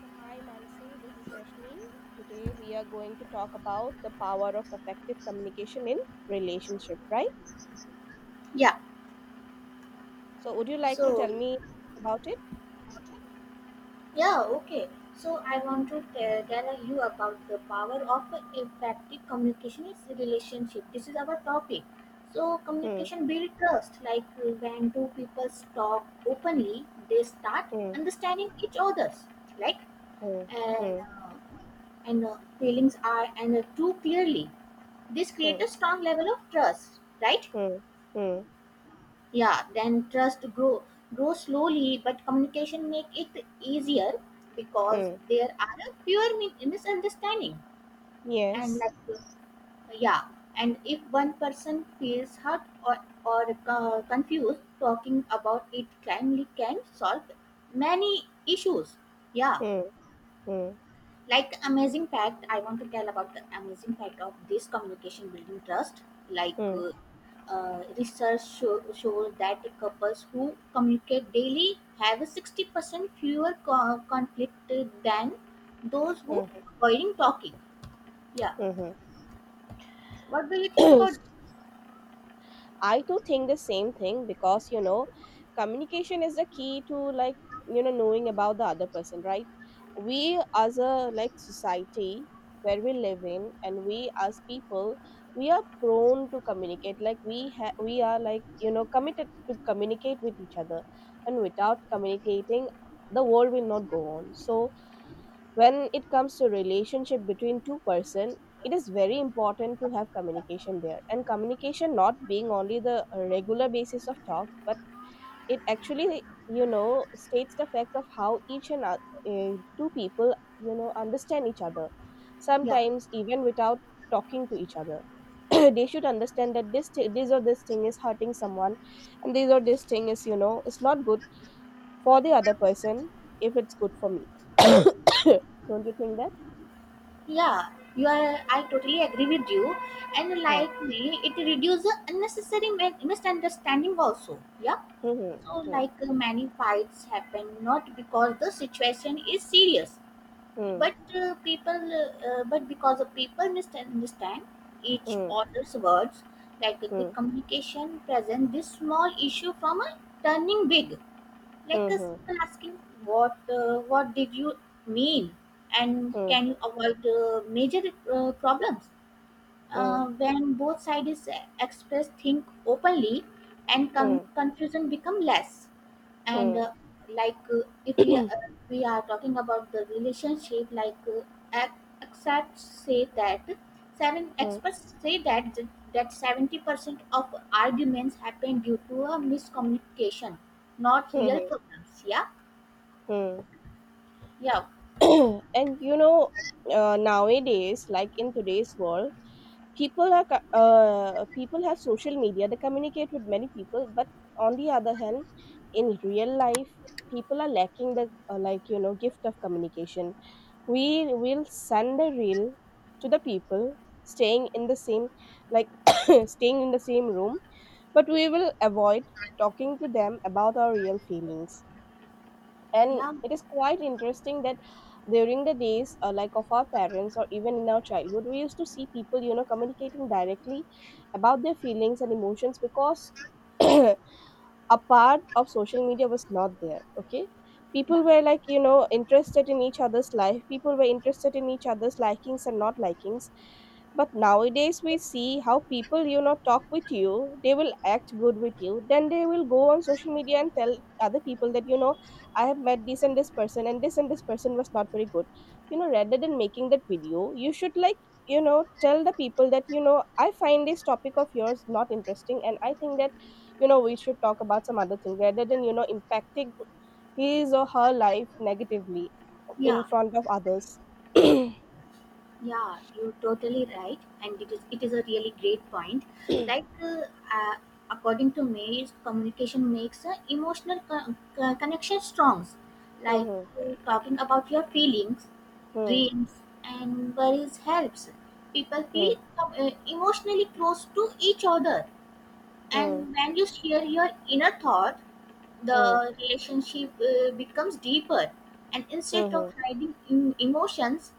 So, hi Mansi, this is Rashni. Today we are going to talk about the power of effective communication in relationship, right? Yeah. So, would you like to So, tell me about it? yeah, okay. So, I want to tell you about the power of effective communication is relationship. This is our topic. So, Hmm, communication builds trust. Like when two people talk openly, they start hmm, understanding each other's like hmm, and hmm, uh, and feelings are and too clearly. This hmm, creates a strong level of trust, right? hmm, hmm, hmm. Yeah, then trust grow slowly, but communication make it easier because Hmm. there are a fewer misunderstanding, and Yes. like yeah, and if one person feels hurt or, confused, talking about it kindly can solve many issues, yeah. Hmm, hmm, Like, amazing fact, I want to tell about the amazing fact of this communication building trust. like hmm, uh, Research shows that couples who communicate daily have 60% fewer conflict than those who hmm, avoiding talking, yeah. hmm. Hmm. What do you think about? I too think the same thing because communication is the key to, like, knowing about the other person, right? We, as a, like, society where we live in, and we as people, we are prone to communicate. Like, we are, like, committed to communicate with each other, and without communicating, the world will not go on. So when it comes to relationship between two person, it is very important to have communication there, and communication not being only the regular basis of talk, but it actually states the fact of how each and two people understand each other Yeah, sometimes even without talking to each other. They should understand that this or this thing is hurting someone, and this or this thing is, it's not good for the other person if it's good for me. Don't you think that? yeah, you are I totally agree with you. And like me, it reduces unnecessary misunderstanding also, yeah. So, like many fights happen not because the situation is serious, but but because the people misunderstand each other's words. Like a good communication present this small issue from a turning big, like a simple asking what did you mean, and can you はい。ふんふん、ふん、ふん、ふん、ふんふん、ふんふん、ふんふん、ふん、ふんふん、ふん avoid major problems. When both sides express think openly, and confusion become less, and like if we are talking about the relationship like ex- experts say that seven experts say that th- that 70% of arguments happen due to a miscommunication, not real problems, yeah. yeah And nowadays, like in today's world, people have social media. They communicate with many people, but on the other hand, in real life, people are lacking the like, gift of communication. We will send a reel to the people staying in the same, like, staying in the same room, but we will avoid talking to them about our real feelings. And yeah it is quite interesting that during the days, like, of our parents or even in our childhood, we used to see people communicating directly about their feelings and emotions, because a part of social media was not there, okay. yeah People were, like, interested in each other's life. People were interested in each other's likings and not likings. But nowadays we see how people talk with you. They will act good with you, then they will go on social media and tell other people that, I have met this and this person, and this person was not very good. Rather than making that video, you should, like, tell the people that, I find this topic of yours not interesting, and I think that we should talk about some other thing, rather than impacting his or her life negatively in yeah front of others. Yeah, you're totally right, and it is a really great point. Like, uh, uh, According to me, communication makes emotional connection strong. Like Hmm, talking about your feelings, hmm, dreams, and worries helps people hmm, feel emotionally close to each other. hmm, And when you share your inner thought, hmm, the relationship becomes deeper, and instead of hmm, hiding emotions,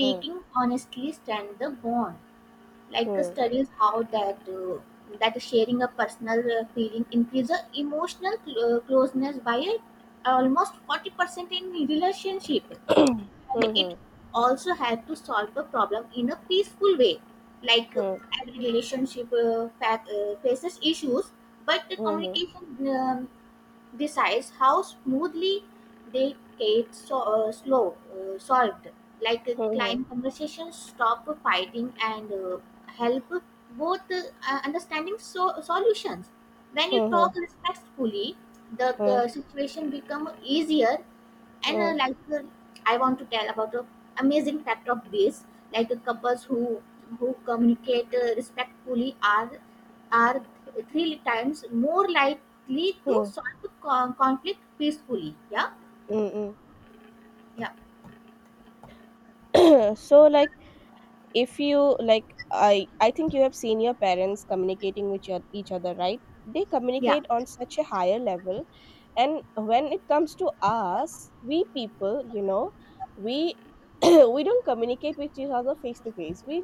hmm, honestly strengthens the bond. Like hmm, studies how that sharing a personal feeling increases emotional closeness by almost 40% in relationship, and it hmm, also helps to solve the problem in a peaceful way. Like hmm, every relationship faces issues, but the hmm, communication besides, how smoothly they get solved, like hmm, client conversations stop fighting, and help both understanding solutions. When you hmm, hmm, talk respectfully, the hmm, hmm, hmm, hmm, situation become easier, and hmm, like I want to tell about the amazing fact of grace, like couples who communicate respectfully are three times more likely to hmm. solve conflict peacefully, Hmm. yeah So, like, if you like, I think you have seen your parents communicating with each other, right? They yeah communicate on such a higher level. And when it comes to us, we people, we we don't communicate with each other face to face. we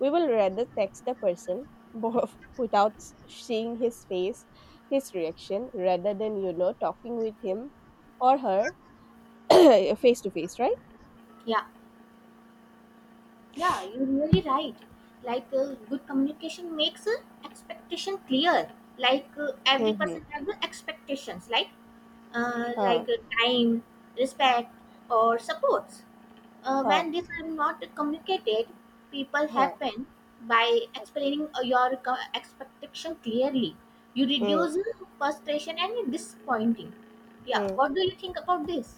we will rather text a person, both, without seeing his face, his reaction, rather than talking with him or her face to face, right? yeah Yeah, you're really right. Like good communication makes expectation clear. Like every Hmm. person has the expectations, like Huh, time, respect, or supports. Huh, When these are not communicated, people huh. happen by explaining expectation clearly. You Hmm, reduce frustration and disappointing. Yeah, hmm. what do you think about this?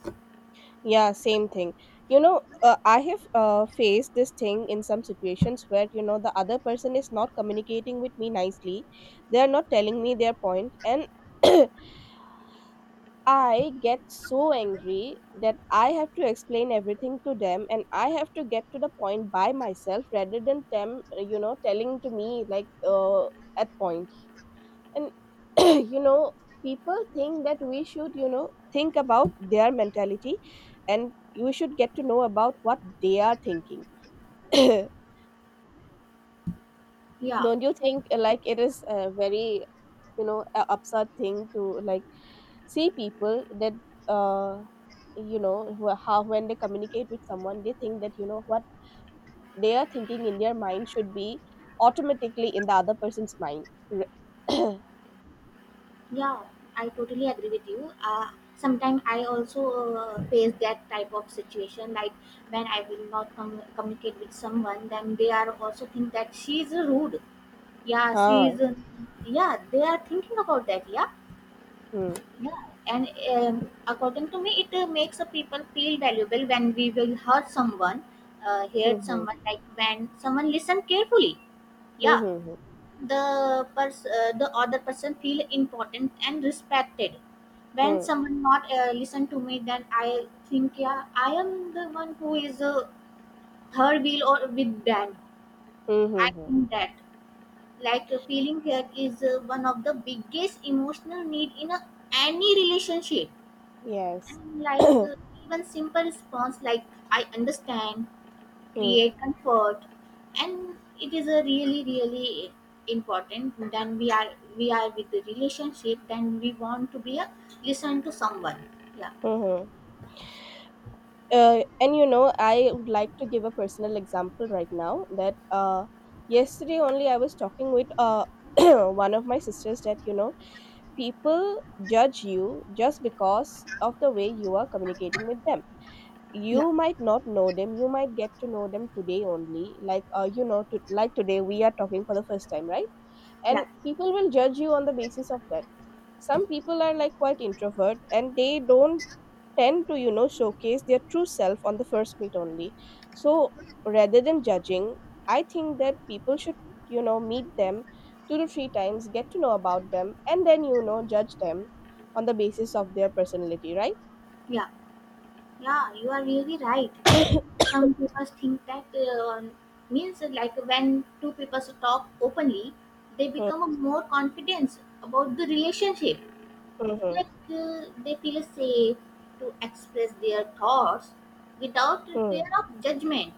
Yeah, same thing. I have faced this thing in some situations where, the other person is not communicating with me nicely. They are not telling me their point, and I get so angry that I have to explain everything to them, and I have to get to the point by myself rather than them, telling to me, like, at points. And you know people think that we should think about their mentality, and we should get to know about what they are thinking. Yeah, Don't you think, like, it is a very, a absurd thing to, like, see people that uh how, when they communicate with someone, they think that what they are thinking in their mind should be automatically in the other person's mind. R- yeah, I totally agree with you. Sometimes I also face that type of situation, like when I will not communicate with someone, then they are also think that she is rude. Yeah, she huh. is. Yeah, they are thinking about that. Yeah, Hmm, yeah, and according to me, it makes a people feel valuable when we will hurt someone, hmm, hmm, like when someone listen carefully. Yeah, hmm, hmm, the the other person feel important and respected. hmm, When hmm, someone not listen to me, then I think yeah, I am the one who is third wheel or with them. hmm. I Hmm. think that like feeling hurt is one of the biggest emotional need in a, any relationship. Yes. And like even simple response like I understand, Hmm. create comfort, and it is a really really important. Then we are with the relationship. Then we want to be a listen to someone. Yeah, Hmm, hmm. And I would like to give a personal example right now, that yesterday only I was talking with one of my sisters that, people judge you just because of the way you are communicating with them. yeah, You might not know them. You might get to know them today only. Like today we are talking for the first time, right? And yeah, people will judge you on the basis of that. Some people are, like, quite introvert, and they don't tend to showcase their true self on the first meet only. So, rather than judging, I think that people should meet them two to three times, get to know about them, and then judge them on the basis of their personality, right? yeah, yeah. You are really right. Some people think that means like when two people talk openly, they Hmm, become more confident about the relationship. hmm, Like they feel safe to express their thoughts without hmm, fear of judgment,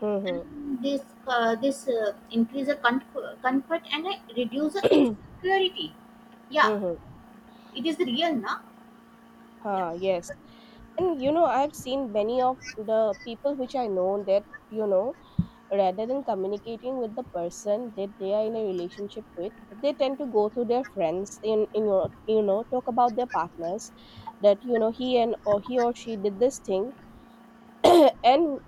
hmm, hmm, hmm, and this this increase the comfort and reduce the insecurity, yeah. hmm, hmm. It is real na. Yeah, Ah, yes. And I've seen many of the people which I know that you know rather than communicating with the person that they are in a relationship with, they tend to go through their friends, in your, talk about their partners, that he and, or he or she, did this thing. And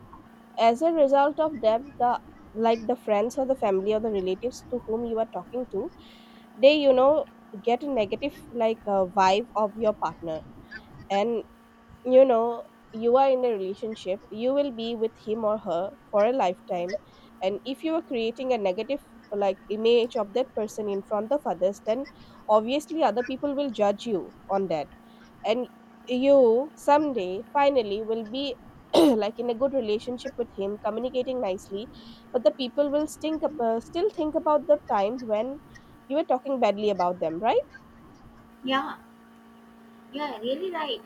as a result of that, the like the friends or the family or the relatives to whom you are talking to, they get a negative, like, vibe of your partner. And you know you are in a relationship, you will be with him or her for a lifetime. And if you are creating a negative, like, image of that person in front of others, then obviously other people will judge you on that. And you someday finally will be like in a good relationship with him, communicating nicely, but the people will still think about the time when you were talking badly about them, right? yeah yeah really right.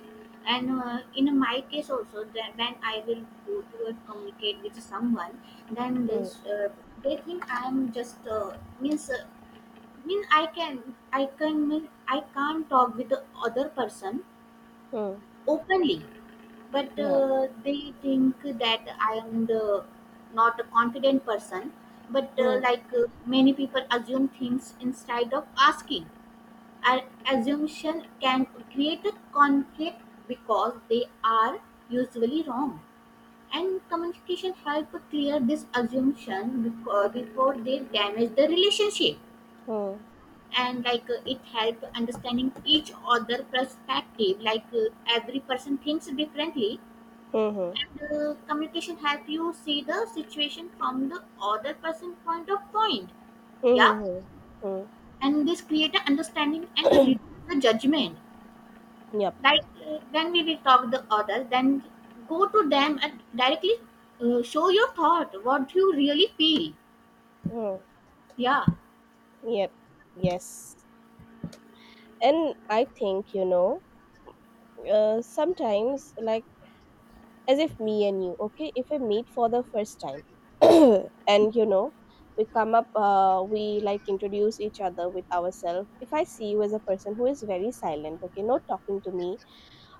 And in my case also, that when I will go to and communicate with someone, then Hmm. this they think I am just means mean I can mean I can't talk with the other person Hmm. openly, but Yeah. They think that I am the not a confident person. But Hmm. Many people assume things instead of asking. Our assumption can create a conflict because they are usually wrong, and communication help clear this assumption before they damage the relationship. Hmm, And like it help understanding each other perspective, like every person thinks differently, hmm, hmm, and communication help you see the situation from the other person point of point, hmm, yeah. hmm, hmm. Hmm. And this create a understanding and reduce the judgment. Yep. Like when we will talk the other, then go to them and directly show your thought what you really feel, Mm, yeah. yep. Yes. And I think, sometimes, like, as if me and you, okay, if we meet for the first time, and, we like introduce each other with ourselves, if I see you as a person who is very silent, okay, not talking to me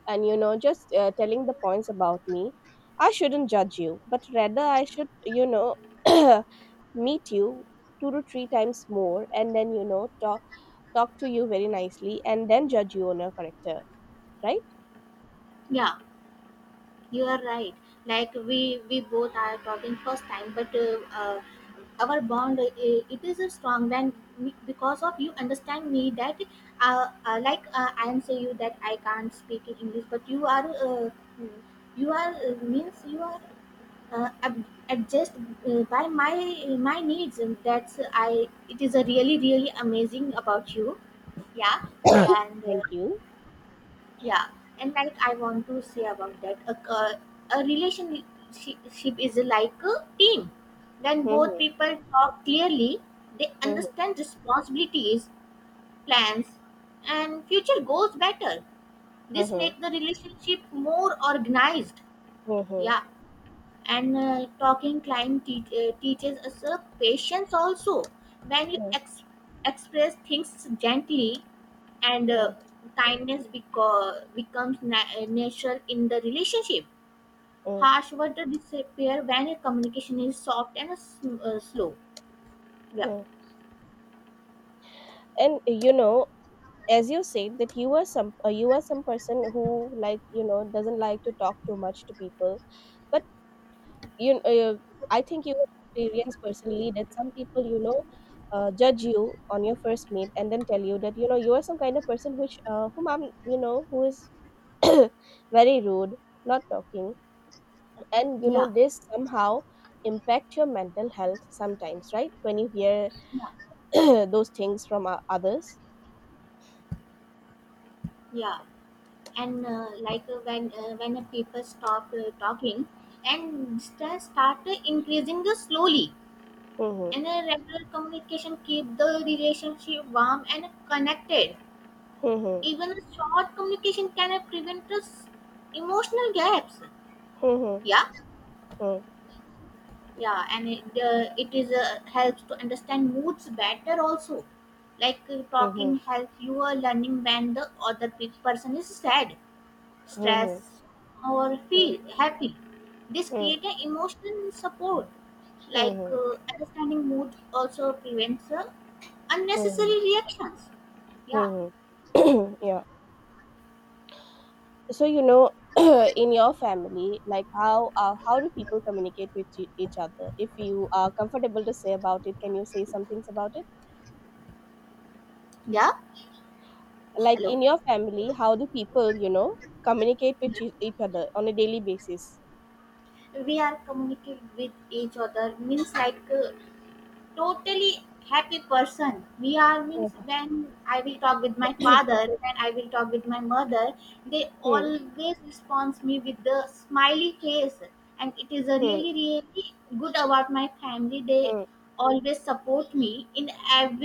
and, just telling the points about me, I shouldn't judge you, but rather I should, meet you two to three times more, and then, talk to you very nicely, and then judge you on your character, right? Yeah, you are right. Like we both are talking first time, but our bond it is strong. Then we- because of you understand me that I am say you that I can't speak in English, but you are means you are uh, ab- adjust by my needs. And That's I. It is a really really amazing about you, yeah. yeah and uh, Thank you. yeah and like I want to say about that a, a relationship is like a team. When both Mm-hmm, people talk clearly, they mm-hmm, understand responsibilities, plans, and future goals better. This mm-hmm, makes the relationship more organized, mm-hmm, yeah. And talking climb teaches us patience also. When you mm-hmm, express things gently, and mm-hmm. kindness becomes natural in the relationship. Mm-hmm. Harsh words disappear when communication is soft and slow, yeah. And as you said that you are some, you are some person who, like, doesn't like to talk too much to people, but you, I think you experience personally that some people, judge you on your first meet and then tell you that, you are some kind of person which whom I'm you know who is very rude, not talking, and yeah this somehow impact your mental health sometimes, right, when you hear yeah those things from others. yeah and like when people stop talking, and distance start increasing slowly. Hmm. And a regular communication keep the relationship warm and connected. Hmm. Even a short communication can prevent us emotional gaps. Hmm. Yeah, Hmm. yeah, and it is helps to understand moods better also. Like Hmm. talking helps you are learning when the other person is sad, hmm mm-hmm, stress, or feel happy. This creates an emotional support. Like mm-hmm. Understanding mood also prevents Hmm, unnecessary reactions. Yeah, hmm. Yeah, so in your family, like, how, how do people communicate with each other, if you are comfortable to say about it? Can you say some things about it, yeah. like, Hello. in your family, how do people communicate with each other on a daily basis? We are communicating with each other means like totally happy person. We are means Hmm. when I will talk with my father, when I will talk with my mother, they Hmm. always responds me with the smiley face, and it is a Hmm. really really good about my family. They Mm. always support me in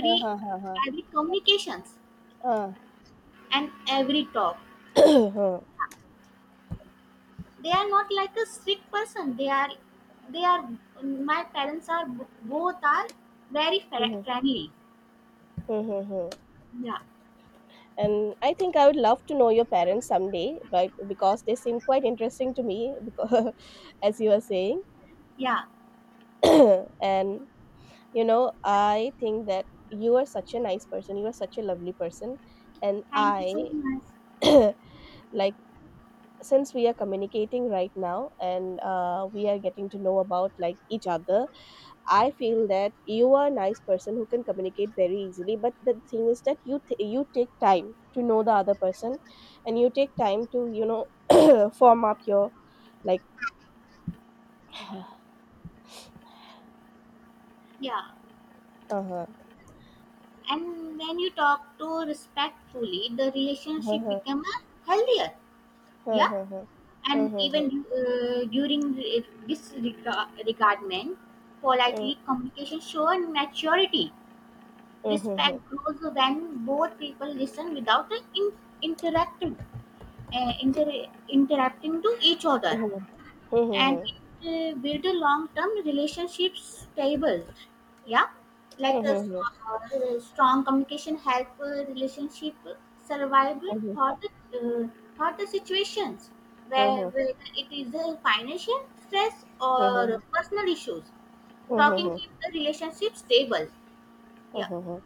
Ha, ha, ha, ha. every communications Ah. and every talk. Huh. They are not like a strict person. They are My parents are both are very Mhm, friendly. mhm, mhm. Yeah, And I think I would love to know your parents someday, right? Because they seem quite interesting to me, because as you were saying, yeah. and, I think that you are such a nice person. You are such a lovely person, and Thank you I so much. like since we are communicating right now, and we are getting to know about, like, each other, I feel that you are a nice person who can communicate very easily, but the thing is that you take time to know the other person, and you take time to form up your, like, uh-huh, Yeah. uh-huh, And when you talk to respectfully, the relationship uh-huh, become healthier. Yeah. uh-huh, And uh-huh, even during disregardment, uh-huh, politely communication show maturity. Respect uh-huh, grows when both people listen without interacting, interacting to each other. uh-huh, And uh-huh, it build a long-term relationship stable, yeah. like a s- uh-huh, Strong communication help relationship survival thought, uh, for the situations where whether it is a financial stress or uh-huh, personal issues, talking uh-huh, keep the relationship stable, yeah. uh-huh.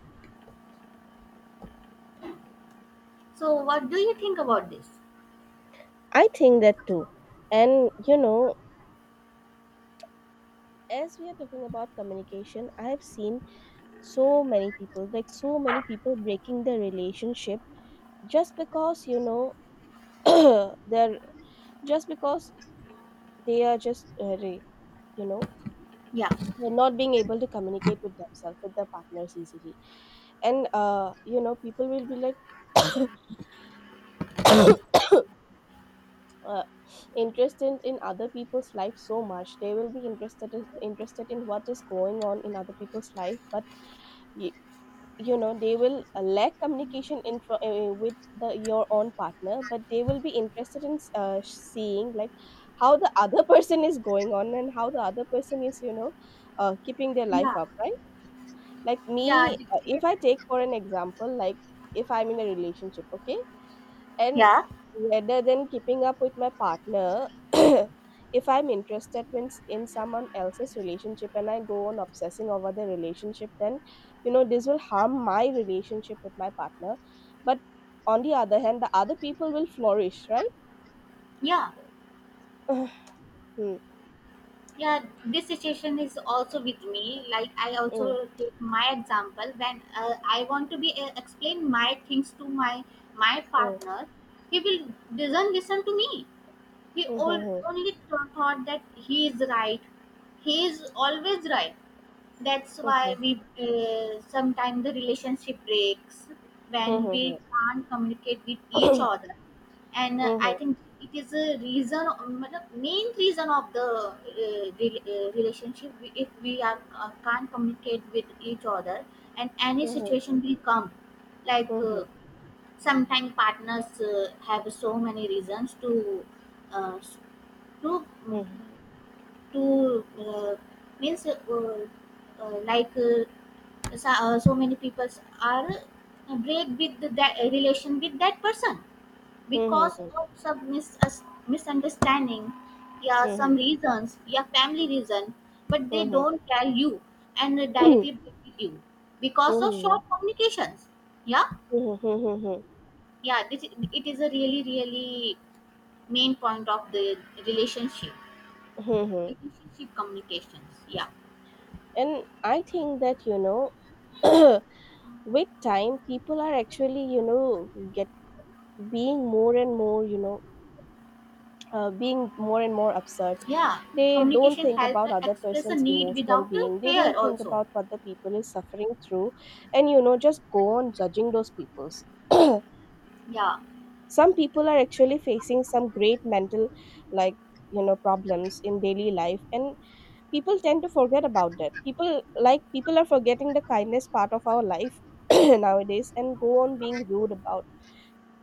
So what do you think about this? I think that too, and you know, as we are talking about communication, I have seen so many people, like, so many people breaking their relationship just because, you know, they're just because they are just you know yeah they're not being able to communicate with themselves, with their partners easily. And people will be like uh, interested in other people's life so much. They will be interested in what is going on in other people's life, but y- they will lack communication with the your own partner, but they will be interested in, seeing, like, how the other person is going on and how the other person is, you know, keeping their life yeah up, right? Like yeah me, if I take for an example, like, if I'm in a relationship, okay, and yeah rather than keeping up with my partner, if I'm interested in, someone else's relationship and I go on obsessing over the relationship, then you know this will harm my relationship with my partner. But on the other hand, the other people will flourish, right? yeah Mm, yeah, this situation is also with me. Like I also mm, take my example, when I want to be explain my things to my mm, partner, he will doesn't listen to me. He all, mhm, only th- Thought that he is right, he is always right. That's why mhm, we sometimes the relationship breaks mhm, when we mhm, can't communicate with each other. And I mhm, think it is a reason मतलब main reason of the relationship. We- if we are can't communicate with each other, and any mhm, mhm, situation will come, like mhm, sometimes partners have so many reasons uh, to mhm, to means like so, so many people are break with that relation with that person because mhm, of some misunderstanding, yeah, some mhm, reasons, yeah, family reason, but they don't tell you, and directly break with you because of short mhm, communications, yeah. mhm, Yeah, it is a really really main point of the relationship, mhm, mhm. relationship communications, yeah. And I think that, you know, with time people are actually, you know, get being more and more you know being more and more absurd. yeah They don't communication think help about other express a person's need emotional without a being. They fear don't think also, about what the people is suffering through, and you know, just go on judging those people's. yeah. Some people are actually facing some great mental, like, you know, problems in daily life, and people tend to forget about that. People, like, people are forgetting the kindness part of our life nowadays, and go on being rude about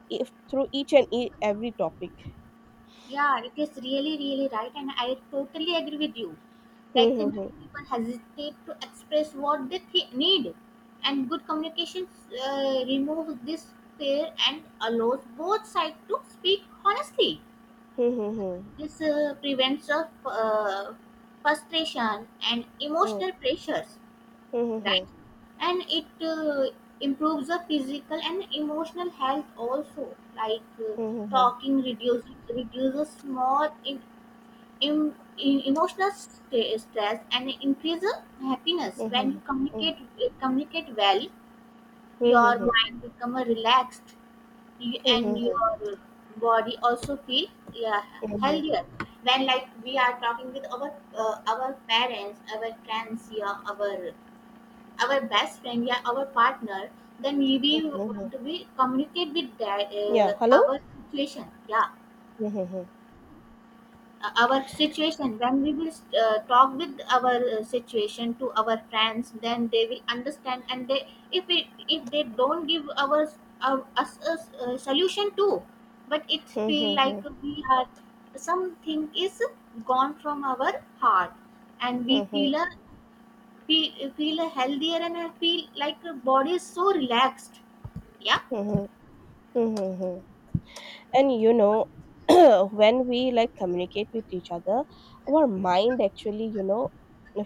if through each and every topic. Yeah, it is really, really right, and I totally agree with you. Hmm, Like hmm, many hmm, people hesitate to express what they need, and good communication removes this fear and allows both sides to speak honestly. hmm, This prevents of frustration and hmm, emotional pressures, hmm, hmm, right? hmm, And it improves the physical and emotional health also, like. Hmm, Talking reduces small in emotional stress and increase happiness hmm, hmm, when you hmm, communicate well, hmm, your hmm, hmm, mind become relaxed, and hmm, your body also feel, yeah, hmm, hmm. healthier when like we are talking with our parents, our friends, yeah, our best friend, yeah, our partner, then maybe Hmm, we want hmm. to be communicate with that Yeah, hello? our situation, yeah, Hmm, hmm, hmm, our situation. When we will talk with our situation to our friends, then they will understand, and they, if it if they don't give our us a solution too, but it hmm, feel hmm, like we are something is gone from our heart, and hmm, we hmm, hmm, feel a, we feel a healthier, and I feel like our body is so relaxed. Yeah, hmm, hmm, hmm, hmm. And you know, when we, like, communicate with each other, our mind actually, you know,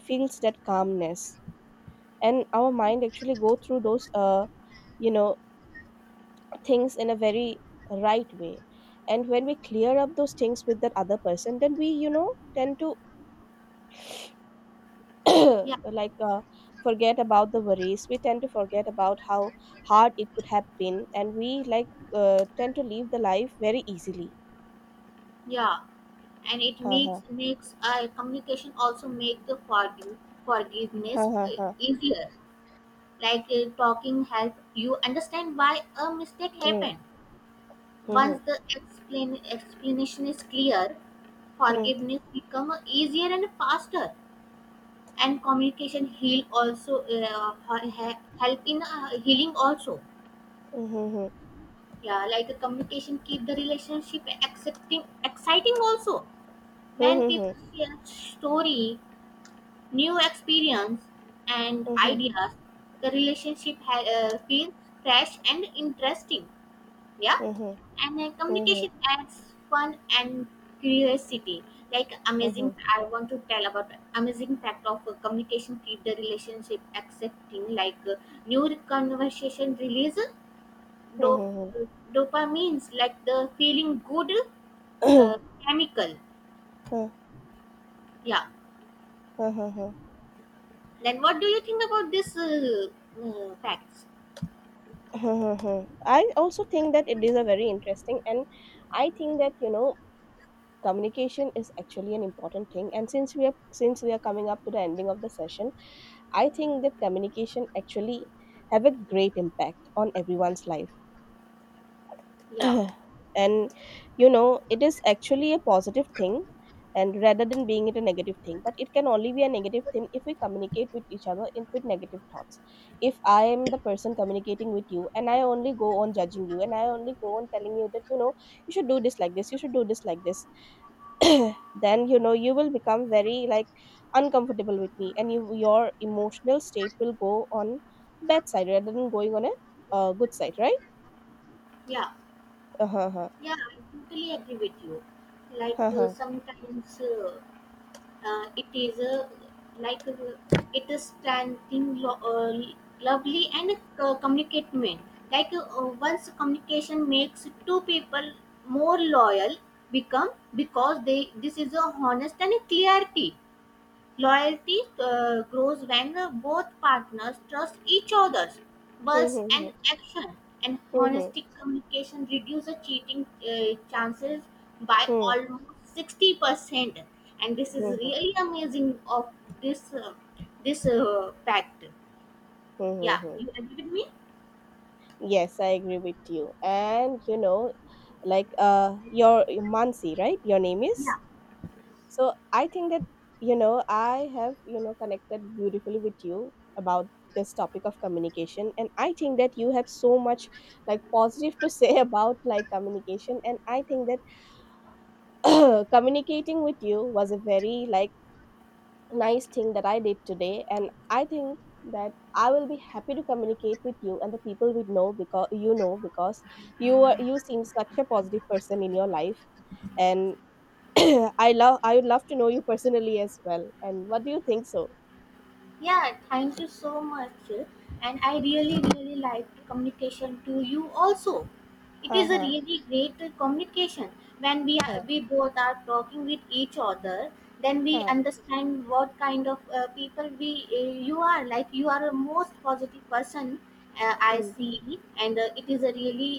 feels that calmness. And our mind actually go through those you know things in a very right way. And when we clear up those things with that other person, then we, you know, tend to yeah. like uh, forget about the worries. We tend to forget about how hard it could have been, and we, like, tend to live the life very easily. Yeah, and it Ha, ha, makes communication also make the ha, forgiveness ha, ha. easier. Like talking help you understand why a mistake Mm, happened. mhm, Once the explain explanation is clear, mm, forgiveness become easier and faster. And communication heal also help in healing also. mhm, Yeah, like communication keep the relationship accepting exciting also. When mhm, people share story, new experience, and mhm, ideas, the relationship feels fresh and interesting, yeah. mhm, And mhm, communication adds fun and curiosity. Like, amazing, mhm, I want to tell about amazing fact of communication keep the relationship accepting, like, new conversation release mhm, dop- dopamines, like the feeling good mhm. uh, chemical, yeah. Ha, ha, ha. Then what do you think about this facts? I also think that it is a very interesting. And I think that, you know, communication is actually an important thing, and since we are coming up to the ending of the session, I think that communication actually have a great impact on everyone's life. Yeah. And you know, it is actually a positive thing, and rather than being it a negative thing. But it can only be a negative thing if we communicate with each other in with negative thoughts. If I am the person communicating with you and I only go on judging you and I only go on telling you that, you know, you should do this like this, then you know you will become very, like, uncomfortable with me, and your emotional state will go on bad side rather than going on a good side, right? Yeah, Uh-huh. yeah, I totally agree with you. Like Uh-huh. sometimes it is a, like it is standing lovely and communicatement. Like once communication makes two people more loyal become because they this is a honest and a clarity. Loyalty grows when both partners trust each other's words and Mhm, action, and mhm, honesty communication reduces cheating chances by mhm, almost 60%. And this is mhm, really amazing of this uh, this fact. mhm, Yeah, mhm. you agree with me? Yes, I agree with you. And you know, your Mansi, right? Your name Yeah, is. So I think that, you know, I have, you know, connected beautifully with you about this topic of communication. And I think that you have so much, like, positive to say about, like, communication. And I think that communicating with you was a very, like, nice thing that I did today. And I think that I will be happy to communicate with you and the people we know, because you seem such a positive person in your life. And I would love to know you personally as well. And what do you think so? yeah. Thank you so much, and I really really liked the communication to you also. It Ha, is a ha, really great communication. When we are, ha, we both are talking with each other, then we ha. understand what kind of people we you are, like, you are a most positive person, I Hmm. see, and it is a really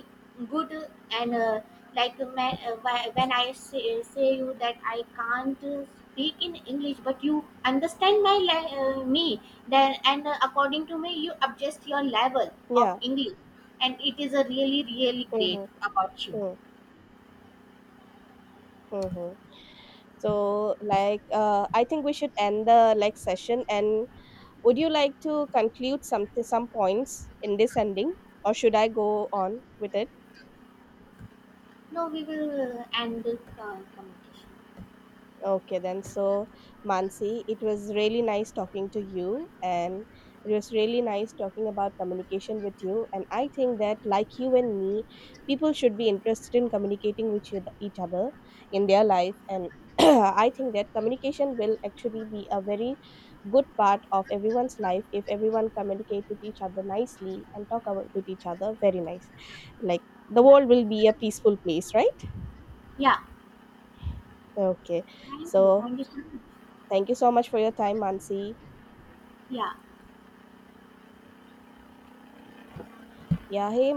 good, and like when say you that I can't speak in english but you understand my me, then, and according to me you adjust your level of Yeah. english, and it is a really really great. Mm-hmm. Mm, mm-hmm. So, I think we should end the, like, session, and would you like to conclude some points in this ending, or should I go on with it? No, we will end this communication. Okay, then. So, Mansi, it was really nice talking to you, and it was really nice talking about communication with you. And I think that, like you and me, people should be interested in communicating with each other in their life. And I think that communication will actually be a very good part of everyone's life if everyone communicate with each other nicely and talk about with each other very nice. Like the Yeah, world will be a peaceful place, right? yeah, Okay. So, thank you so much. thank you so much for your time, Mansi. Yeah. Yeah, hey